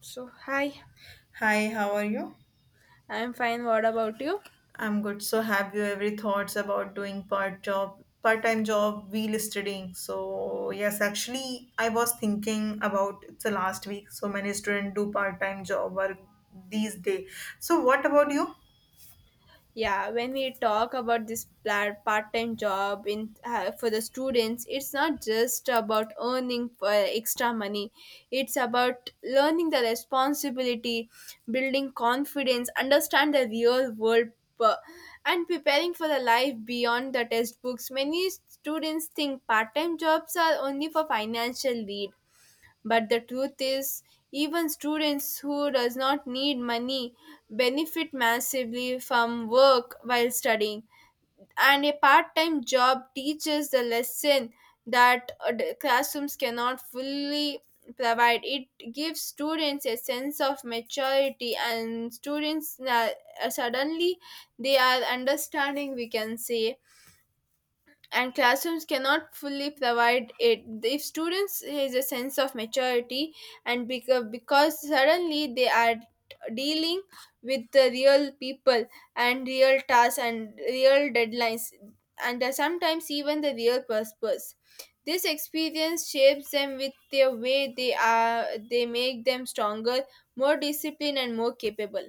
So, hi, Hi, how are you? I'm fine. What about you? I'm good. So, have you ever thoughts about doing part job, part-time job, wheel studying? So, yes, actually, I was thinking about it's the last week. So many students do part-time job work these days. So, what about you? Yeah, when we talk about this part-time job in for the students, it's not just about earning extra money. It's about learning the responsibility, building confidence, understand the real world, uh, and preparing for the life beyond the textbooks. Many students think part-time jobs are only for financial need. But the truth is, even students who does not need money benefit massively from work while studying. And a part-time job teaches the lesson that the classrooms cannot fully provide. It gives students a sense of maturity and suddenly they are understanding, we can say, and classrooms cannot fully provide it if students has a sense of maturity, and because suddenly they are dealing with the real people and real tasks and real deadlines, and sometimes even the real purpose. This experience shapes them with their way they are, they make them stronger, more disciplined and more capable.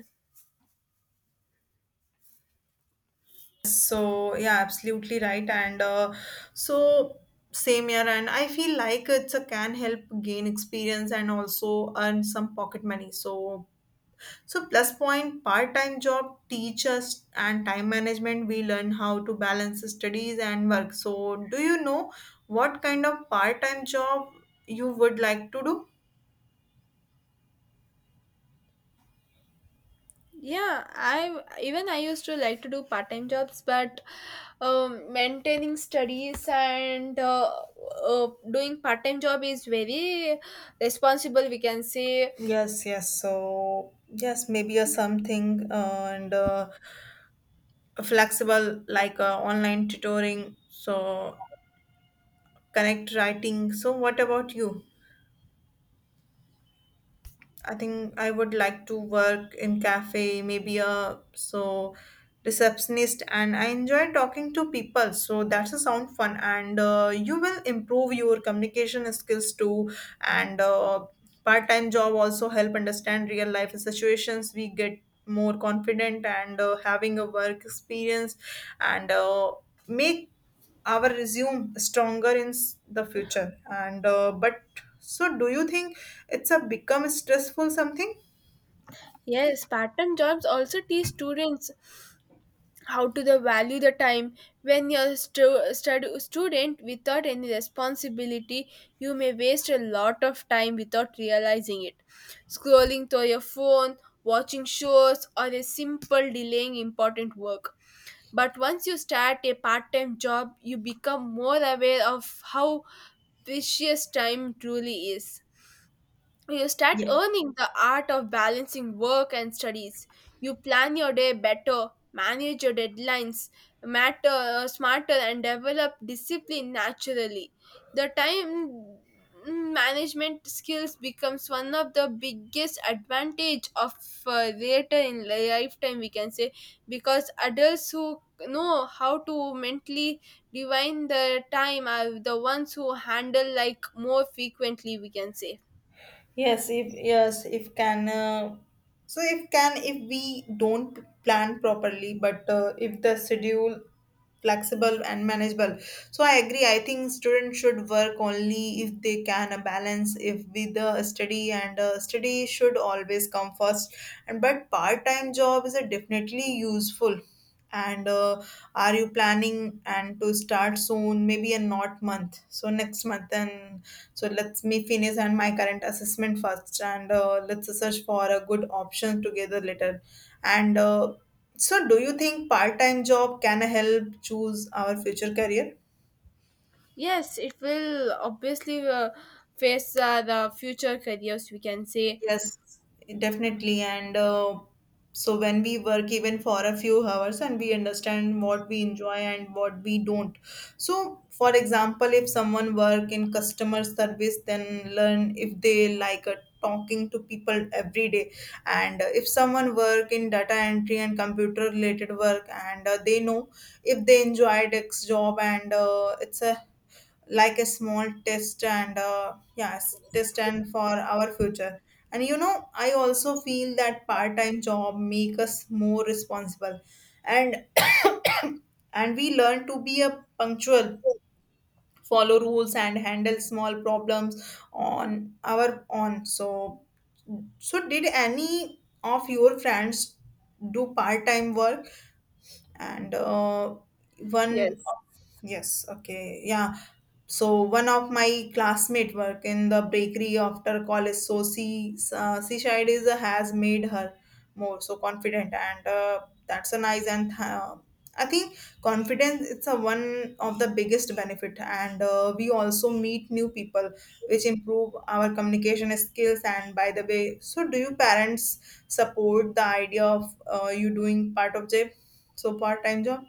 So, yeah, absolutely right. And so same here. And I feel like it's a can help gain experience and also earn some pocket money. So plus point part-time job teachers and time management we learn how to balance studies and work. So do you know what kind of part-time job you would like to do? Yeah, I even I used to like to do part-time jobs, but maintaining studies and doing part-time job is very responsible. We can say Yes. So, yes, maybe a something and a flexible like online tutoring. So, connect writing. So, what about you? I think I would like to work in cafe, maybe a so receptionist, and I enjoy talking to people. So that's a sound fun, and you will improve your communication skills too. And part time job also help understand real life situations. We get more confident and having a work experience, and make our resume stronger in the future and but so do you think it's a become stressful something. yes, part-time jobs also teach students how to the value the time. When you're a student without any responsibility, you may waste a lot of time without realizing it. Scrolling through your phone, watching shows, or a simple delaying important work. But once you start a part time job, you become more aware of how precious time truly is. You start Yes. earning the art of balancing work and studies. You plan your day better, manage your deadlines matter smarter and develop discipline naturally. The time management skills becomes one of the biggest advantage of later in lifetime, we can say, because adults who know how to mentally divine the time are the ones who handle like more frequently, we can say. Yes, if can so if can if we don't plan properly but if the schedule flexible and manageable, so I agree. I think students should work only if they can balance if with the study and study should always come first, and but part-time job is a definitely useful. And are you planning and to start soon maybe in not month so next month. And so let's me finish and my current assessment first and let's search for a good option together later. And So, do you think part-time job can help choose our future career? Yes, it will obviously face the future careers, we can say. Yes, definitely. And when we work even for a few hours and we understand what we enjoy and what we don't. So, for example, if someone work in customer service, then learn if they like talking to people every day. And if someone work in data entry and computer related work and they know if they enjoy X job and it's a like a small test and yes test and for our future. And you know I also feel that part-time job make us more responsible and and we learn to be a punctual, follow rules, and handle small problems on our own. So so did any of your friends do part-time work and one. Yes. Yes, okay, yeah, so one of my classmate work in the bakery after college, so she child is has made her more so confident and that's a nice. And I think confidence it's a one of the biggest benefit and we also meet new people which improve our communication skills. And by the way, so do you parents support the idea of you doing part of job so part time job?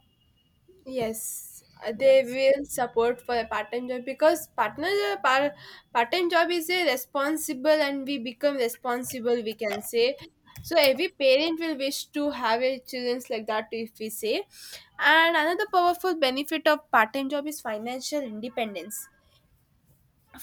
Yes, they Yes. will support for a part-time job because part-time job is a responsible and we become responsible, we can say. So every parent will wish to have a children like that, if we say. And another powerful benefit of part-time job is financial independence.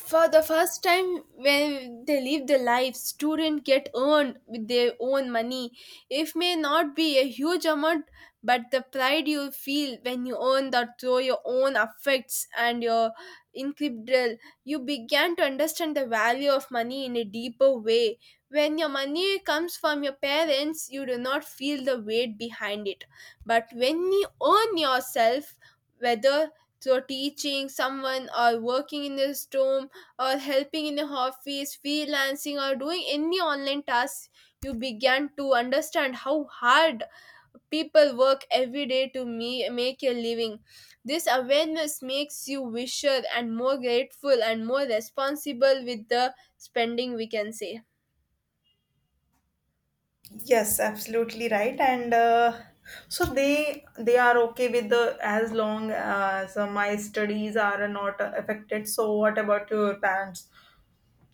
For the first time when they live their life, student get earned with their own money. It may not be a huge amount, but the pride you feel when you earn that through your own effects and your incredible, you began to understand the value of money in a deeper way. When your money comes from your parents, you do not feel the weight behind it, but when you earn yourself, whether through teaching someone or working in the store, or helping in the office, freelancing, or doing any online tasks, you began to understand how hard people work every day to make a living. This awareness makes you wisher and more grateful and more responsible with the spending, we can say. Yes, absolutely right. And so they are okay with the as long as my studies are not affected. So what about your parents?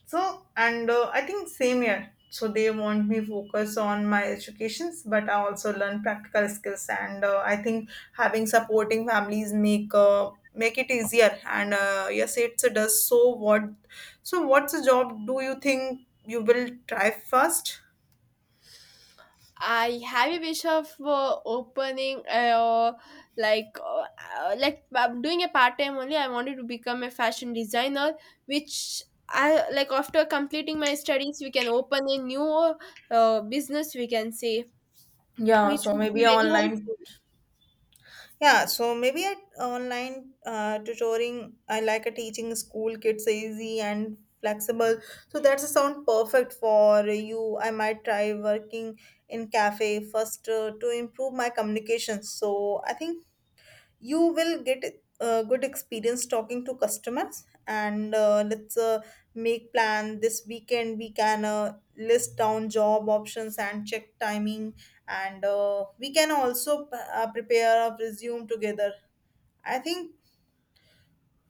So and I think same here. So they want me focus on my educations, but I also learn practical skills. And I think having supporting families make it easier. And yes, it does. So what? So what's the job? Do you think you will try first? I have a wish of opening like uh, like I'm doing a part time only. I wanted to become a fashion designer, which I like. After completing my studies, we can open a new business. We can say Yeah, which so would be maybe very online. helpful. Yeah, so maybe at online tutoring, I like a teaching school kids easy and flexible. So that's a sound perfect for you. I might try working in cafe first to improve my communication. So I think you will get a good experience talking to customers and let's make plan this weekend. We can list down job options and check timing and we can also prepare a resume together. I think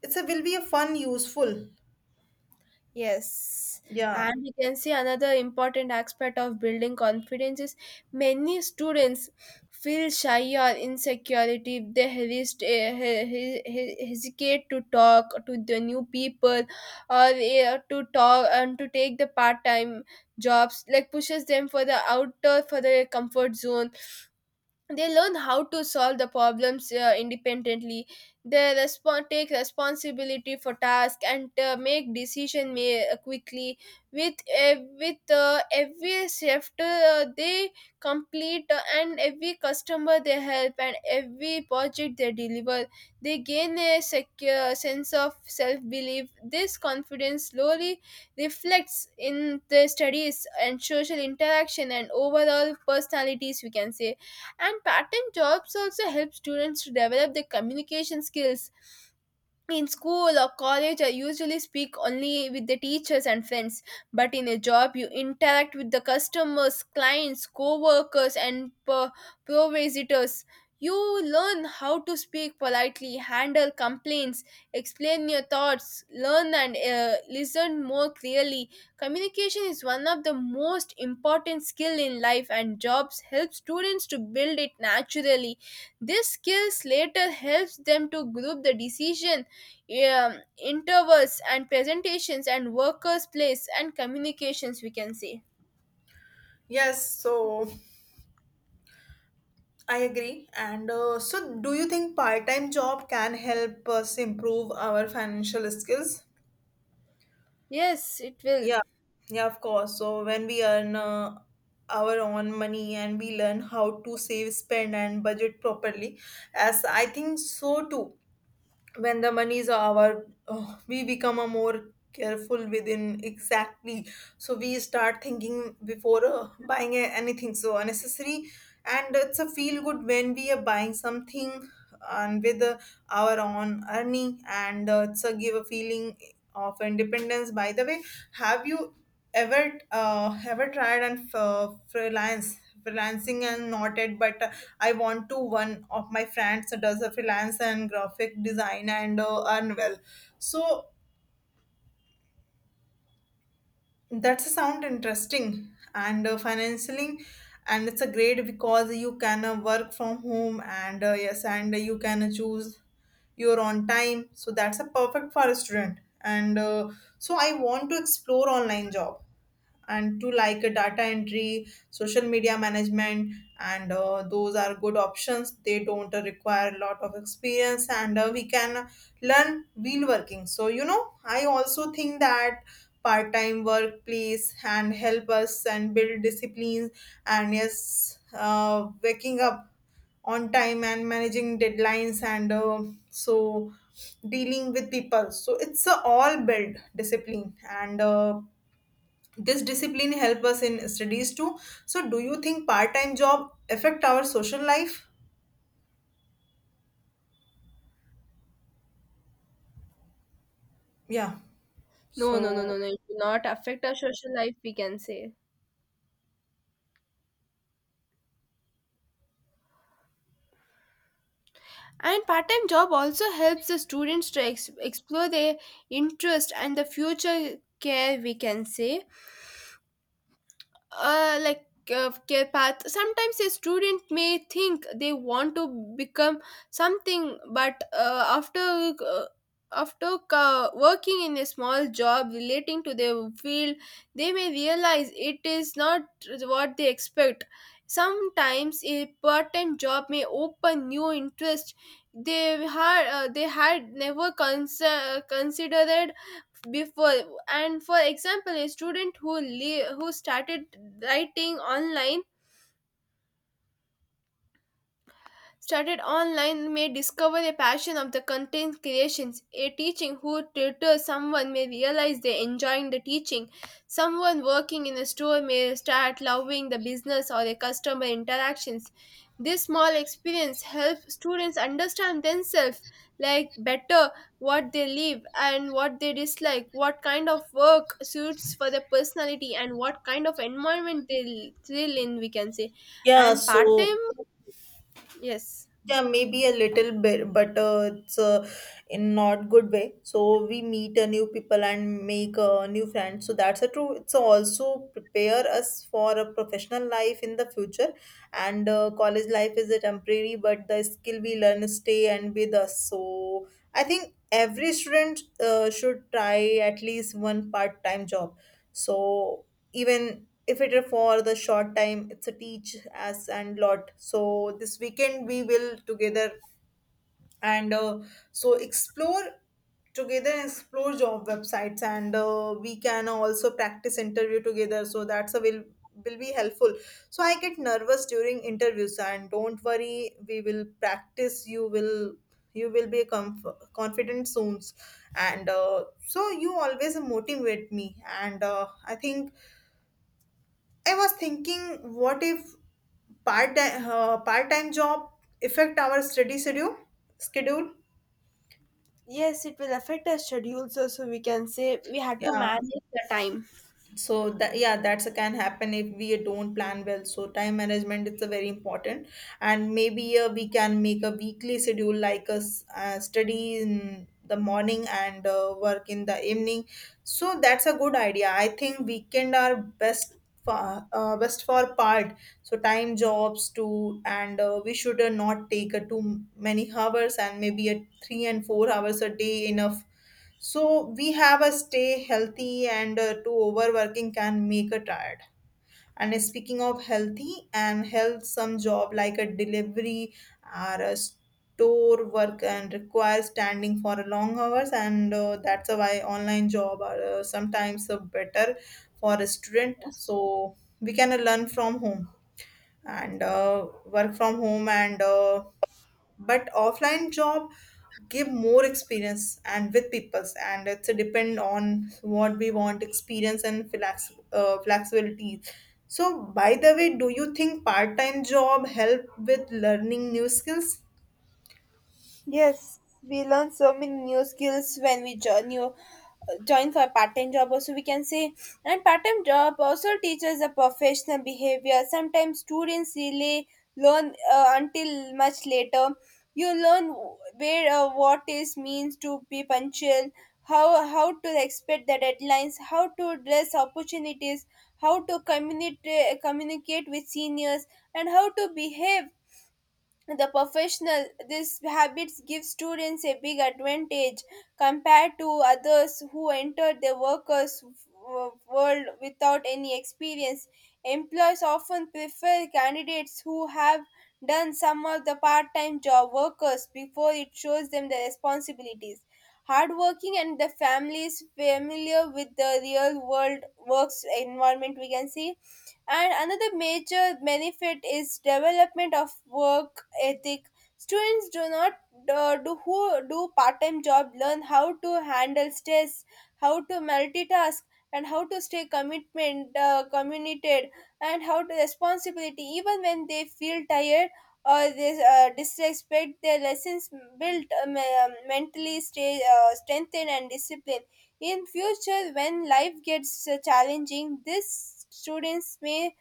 it's a will be a fun useful. Yes, Yeah. and we can see another important aspect of building confidence is many students feel shy or insecurity if they hesitate to talk to the new people, or to talk and to take the part-time jobs like pushes them for the outer for the comfort zone. They learn how to solve the problems independently, they respond take responsibility for task and make decision quickly. With every shift they complete and every customer they help and every project they deliver, they gain a secure sense of self belief. This confidence slowly reflects in their studies and social interaction and overall personalities, we can say. And part-time jobs also help students to develop their communication skills. In school or college I usually speak only with the teachers and friends, but in a job you interact with the customers, clients, co-workers and provisitors. You learn how to speak politely, handle complaints, explain your thoughts, learn and listen more clearly. Communication is one of the most important skill in life, and jobs help students to build it naturally. These skills later helps them to group the decision, intervals and presentations and workers place and communications, we can say. Yes, so I agree. And so do you think part-time job can help us improve our financial skills? Yes, it will. Yeah, yeah, of course. So when we earn our own money and we learn how to save, spend, and budget properly, as I think so too. When the money is our, we become a more careful within exactly. So we start thinking before buying anything so unnecessary, and it's a feel good when we are buying something and with our own earning and it's a give a feeling of independence. By the way, have you ever tried and freelance freelancing and not it but I want to. One of my friends does a freelance and graphic design and earn well. So that's sound interesting and financially. And it's a great because you can work from home and yes and you can choose you're on time. So that's a perfect for a student. And so I want to explore online job and to like a data entry, social media management, and those are good options. They don't require a lot of experience and we can learn wheel working. So you know I also think that part-time workplace and help us and build disciplines. And yes waking up on time and managing deadlines and so dealing with people, so it's a all build discipline. And this discipline help us in studies too. So do you think part-time job affect our social life? Yeah, No, no, no, no, so. no, it will not affect our social life, we can say. And part-time job also helps the students to explore their interest and the future care, we can say. uh, like Care path, sometimes a student may think they want to become something, but after after working in a small job relating to their field, they may realize it is not what they expect. Sometimes a part-time job may open new interest they had never considered before. And for example, a student who who started writing online, started online, may discover a passion of the content creations. A teaching who tutors someone may realize they enjoying the teaching. Someone working in a store may start loving the business or the customer interactions. This small experience helps students understand themselves like better, what they live and what they dislike, what kind of work suits for their personality and what kind of environment they thrill in, we can say. Yeah, And part so. time yes. Yeah, maybe a little bit, but it's in not good way. So we meet a new people and make a new friends. So that's a true. It's also prepare us for a professional life in the future. And college life is a temporary, but the skill we learn stay and with us. So I think every student should try at least one part time job. So even if it is for the short time it's a teach us and lot. So this weekend we will together and so explore together and explore job websites and we can also practice interview together. So that's a will be helpful. So I get nervous during interviews. And don't worry, we will practice. You will be confident soon. And so you always motivate me. And I think I was thinking, what if part-time job affect our study schedule? Yes, it will affect our schedules. So, so we can say we had to yeah manage the time. yeah, that's a can happen if we don't plan well. So time management is a very important. And maybe we can make a weekly schedule like a study in the morning and work in the evening. So that's a good idea. I think weekend are best for part so time jobs too. And we should not take too many hours and maybe a 3 and 4 hours a day enough. So we have a stay healthy and to overworking can make a tired. And speaking of healthy and health, some job like a delivery or a store work and requires standing for a long hours, and that's why online job are sometimes better for a student. So we can learn from home and work from home and. But offline job give more experience and with peoples and it's a depend on what we want experience and flexibility. So by the way, do you think part-time job help with learning new skills? Yes, we learn so many new skills when we join for a part-time job also, we can say. And part-time job also teaches the professional behavior, sometimes students really learn until much later. You learn where what is means to be punctual, how to expect the deadlines, how to address opportunities, how to communicate with seniors, and how to behave the professional. This habits give students a big advantage compared to others who enter the workers world without any experience. Employers often prefer candidates who have done some of the part-time job workers before, it shows them the responsibilities, hardworking and the families familiar with the real world works environment, we can see. And another major benefit is development of work ethic. Students do not do who do part-time job learn how to handle stress, how to multitask, and how to stay commitment committed, and how to responsibility even when they feel tired or they disrespect their lessons. Built mentally stay strengthened and disciplined. In future when life gets challenging, these students may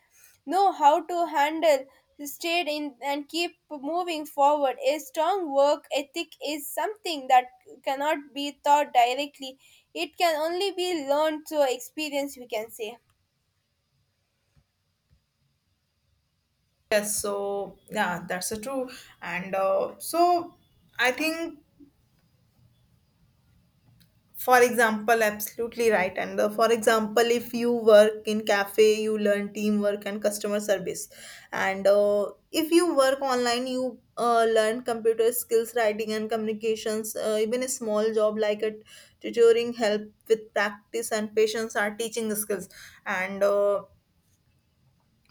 know how to handle, stayed in and keep moving forward. A strong work ethic is something that cannot be taught directly, it can only be learned through experience, we can say. Yes, so yeah that's a true. And so I think for example absolutely right. And for example if you work in cafe you learn teamwork and customer service. And if you work online you learn computer skills, writing, and communications. Even a small job like a tutoring help with practice and patience are teaching skills. And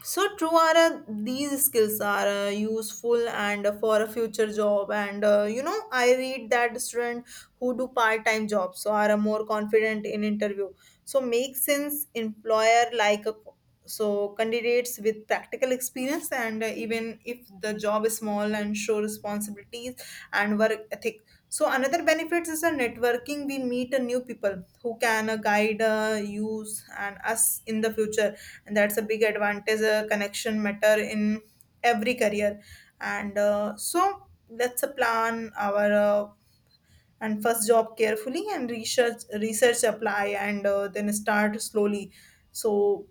so true are these skills are useful and for a future job. And you know I read that student who do part-time jobs so are more confident in interview. So makes sense employer like a, so candidates with practical experience. And even if the job is small and show responsibilities and work ethic. So another benefits is a networking. We meet new people who can guide use and us in the future. And that's a big advantage. Connection matter in every career. And so let's plan our and first job carefully and research, apply and then start slowly. So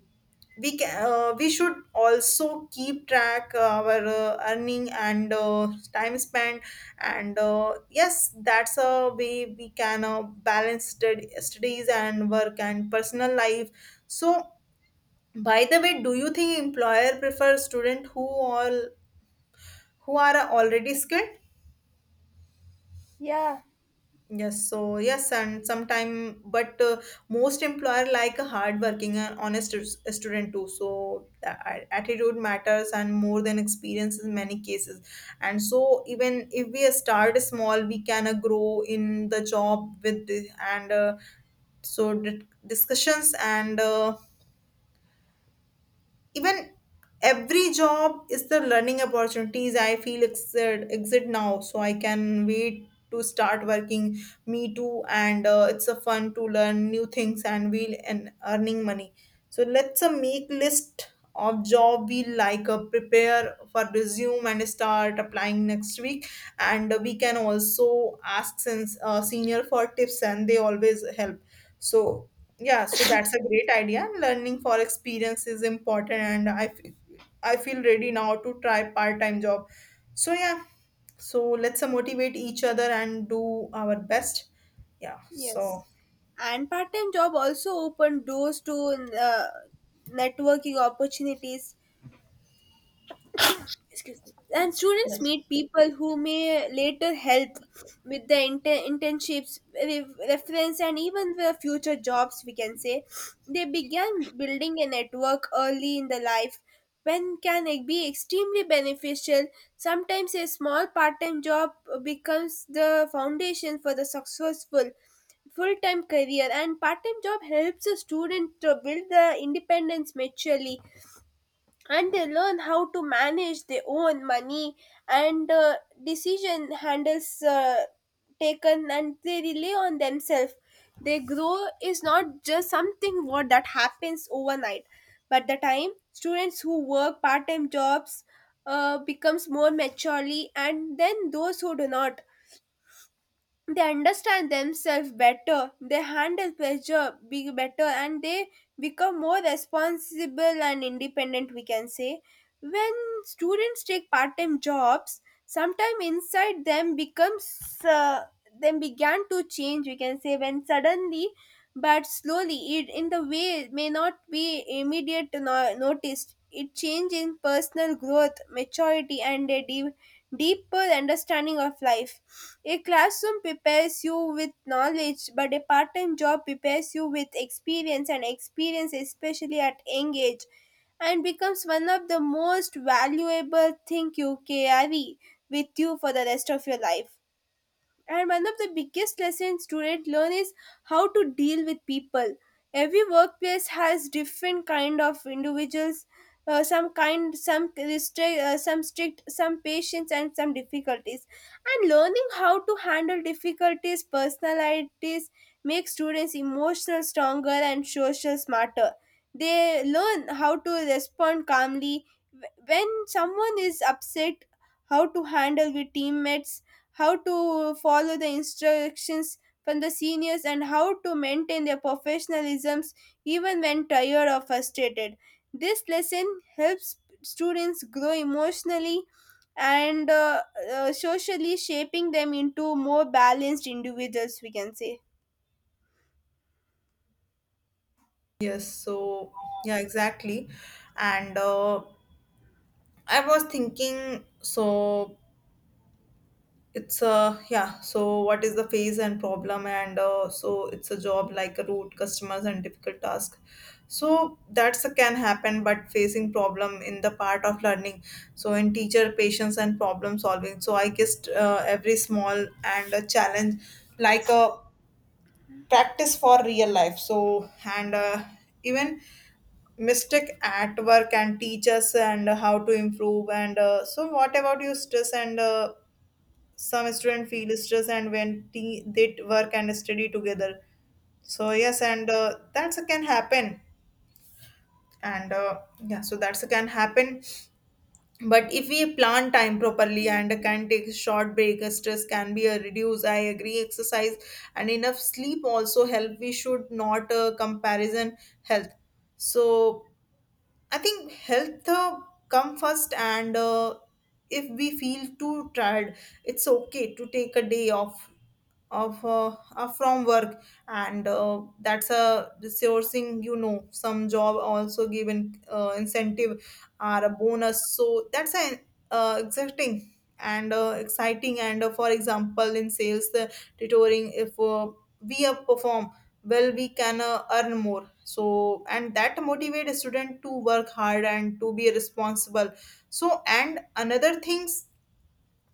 we can we should also keep track our earning and time spent and yes that's a way we can balance studies and work and personal life. So by the way, do you think employer prefer student who all who are already skilled? Yeah, Yes, so yes, and sometime, but most employer like a hardworking and honest student too. So the attitude matters and more than experience in many cases. And so even if we start small, we can grow in the job with and so discussions and even every job is the learning opportunities. I feel exit now, so I can wait to start working. Me too, and it's a fun to learn new things and we'll and earning money. So let's make list of job we like, prepare for resume and start applying next week. And we can also ask since senior for tips and they always help. So yeah, so that's a great idea. Learning for experience is important, and I feel ready now to try part-time job. So yeah, so let's motivate each other and do our best. Yeah. So yes, and part-time job also open doors to uh, networking opportunities. Excuse me. And students yes. meet people who may later help with their internships, reference, and even their future jobs, we can say. They began building a network early in the life, when can it be extremely beneficial. Sometimes a small part-time job becomes the foundation for the successful full-time career. And part-time job helps a student to build their independence maturely, and they learn how to manage their own money and decision handles taken, and they rely on themselves. Their grow is not just something what that happens overnight, but the time students who work part-time jobs becomes more maturely and then those who do not. They understand themselves better, they handle pressure be better, and they become more responsible and independent, we can say. When students take part-time jobs, sometime inside them becomes uh, them began to change, we can say, when suddenly but slowly it in the way it may not be immediate noticed it change in personal growth, maturity and a development, deeper understanding of life. A classroom prepares you with knowledge, but a part time job prepares you with experience, and experience, especially at young age, and becomes one of the most valuable thing you carry with you for the rest of your life. And one of the biggest lessons students learn is how to deal with people. Every workplace has different kind of individuals. Some kind, some restrict, some strict, some patience, and some difficulties. And learning how to handle difficulties, personalities, make students emotional stronger and social smarter. They learn how to respond calmly when someone is upset, how to handle with teammates, how to follow the instructions from the seniors, and how to maintain their professionalisms even when tired or frustrated. This lesson helps students grow emotionally and socially, shaping them into more balanced individuals, we can say. Yes. So yeah, exactly. And I was thinking. So it's yeah, so what is the phase and problem, and so it's a job like a route customers and difficult task, so that's a can happen but facing problem in the part of learning. So in teacher patience and problem solving, so I guess every small and a challenge like a practice for real life. So and even mistake at work and teach us and how to improve. And so what about you stress and some students feel stress and when they work and study together. So yes, and that's can happen. And yeah, so that's can happen, but if we plan time properly and can take short break, stress can be reduced. I agree, exercise and enough sleep also help. We should not comparison health. So I think health come first. And if we feel too tired, it's okay to take a day off of from work. And that's a resourcing, you know, some job also given incentive or a bonus. So that's an uh, exciting exciting and for example in sales the tutoring. If we perform well, we can earn more. So and that motivate a student to work hard and to be responsible. So and another things,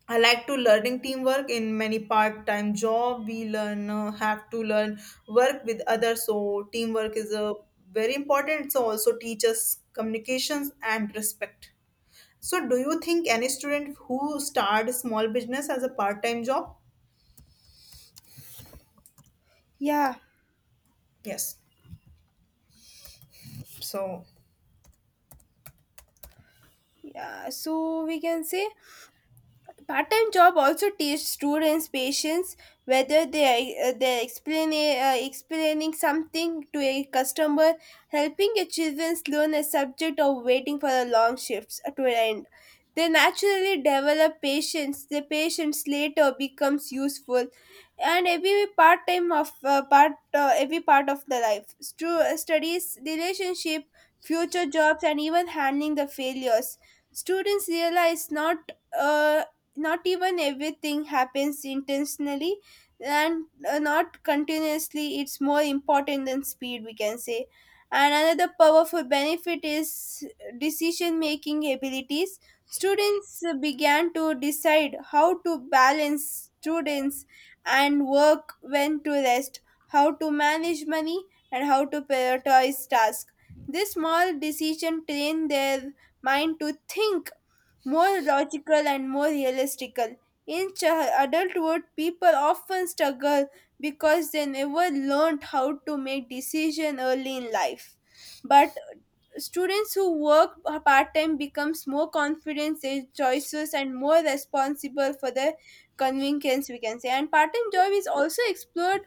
I like to learning teamwork in many part-time job. We learn have to learn work with others. So teamwork is a very important. So also teaches communications and respect. So do you think any student who start a small business as a part-time job? Yeah, Yes. So yeah, so we can say part-time job also teach students patience, whether they explaining something to a customer, helping a children learn a subject, or waiting for the long shifts to end. They naturally develop patience. The patience later becomes useful, and every part time of part every part of the life. Studies, relationship, future jobs, and even handling the failures. Students realize not uh, not even everything happens intentionally and not continuously, it's more important than speed, we can say. And another powerful benefit is decision making abilities. Students began to decide how to balance students and work, when to rest, how to manage money, and how to prioritize tasks. This small decision trained their mind to think more logical and more realistical. In adulthood, people often struggle because they never learned how to make decisions early in life. But students who work part time becomes more confident in choices and more responsible for their convenience, we can say. And part time job is also explored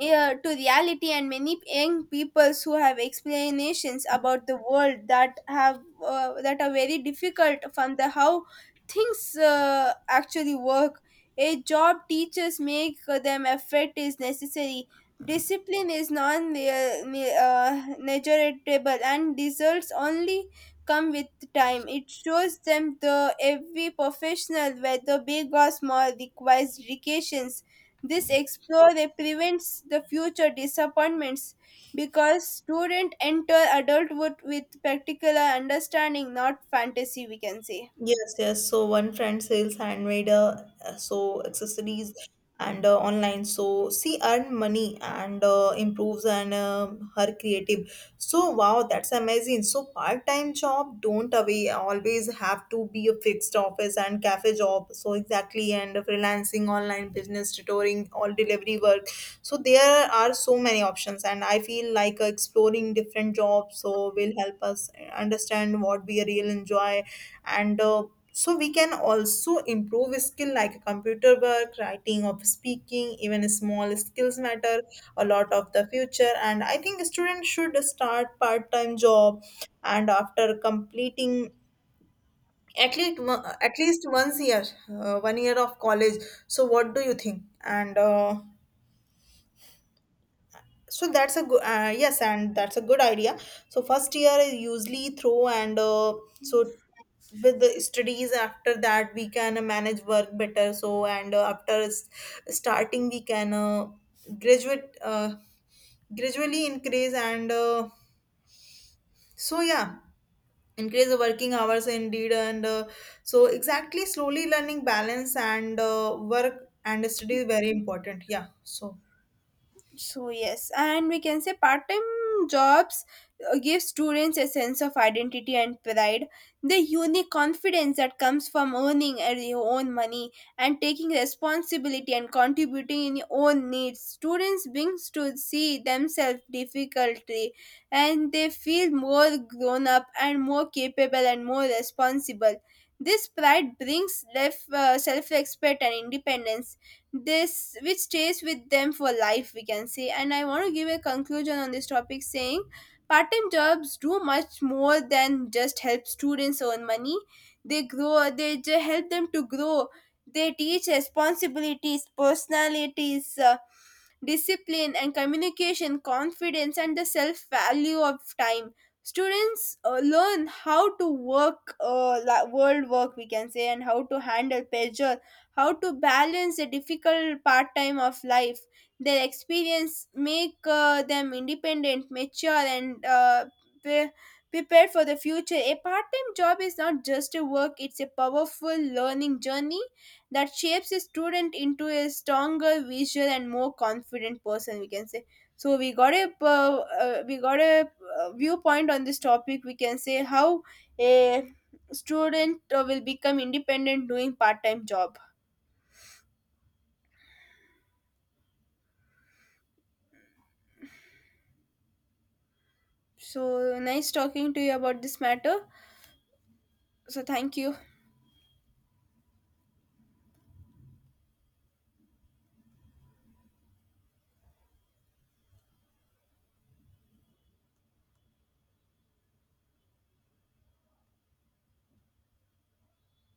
to reality, and many young peoples who have explanations about the world that have that are very difficult from the how things actually work. A job teachers make them effort is necessary, discipline is non negligible and results only come with time. It shows them the every professional, whether big or small, requires dedications. This explore they prevents the future disappointments, because students enter adulthood with particular understanding, not fantasy, we can say. yes, yes. So one friend sells handmade, so accessories and online. So she earn money and improves and her creative. So wow, that's amazing. So part-time job don't away always have to be a fixed office and cafe job. So exactly and freelancing, online business, tutoring, all delivery work. So there are so many options, and I feel like exploring different jobs so will help us understand what we really enjoy. And so we can also improve skill like computer work writing of speaking even small skills matter a lot of the future. And I think students should start part-time job and after completing at least once year, one year of college. So what do you think? And so that's a good yes, and that's a good idea. So first year is usually through. And so with the studies after that we can manage work better. So and after starting we can graduate gradually increase. And so yeah, increase the working hours indeed. And so exactly slowly learning balance and work and study is very important. Yeah, so So yes, and we can say part-time jobs give students a sense of identity and pride. The unique confidence that comes from earning your own money and taking responsibility and contributing in your own needs. Students brings to see themselves difficulty, and they feel more grown up and more capable and more responsible. This pride brings self-respect and independence, this which stays with them for life, we can say. And I want to give a conclusion on this topic saying part-time jobs do much more than just help students earn money. They grow, they help them to grow, they teach responsibilities, personalities, discipline and communication, confidence, and the self value of time. Students learn how to work, world work, we can say, and how to handle pressure, how to balance the difficult part time of life. Their experience make them independent, mature, and pre- prepared for the future. A part time job is not just a work, it's a powerful learning journey that shapes a student into a stronger visual and more confident person, we can say. So we got a viewpoint on this topic, we can say, how a student will become independent doing part-time job. So nice talking to you about this matter. So thank you.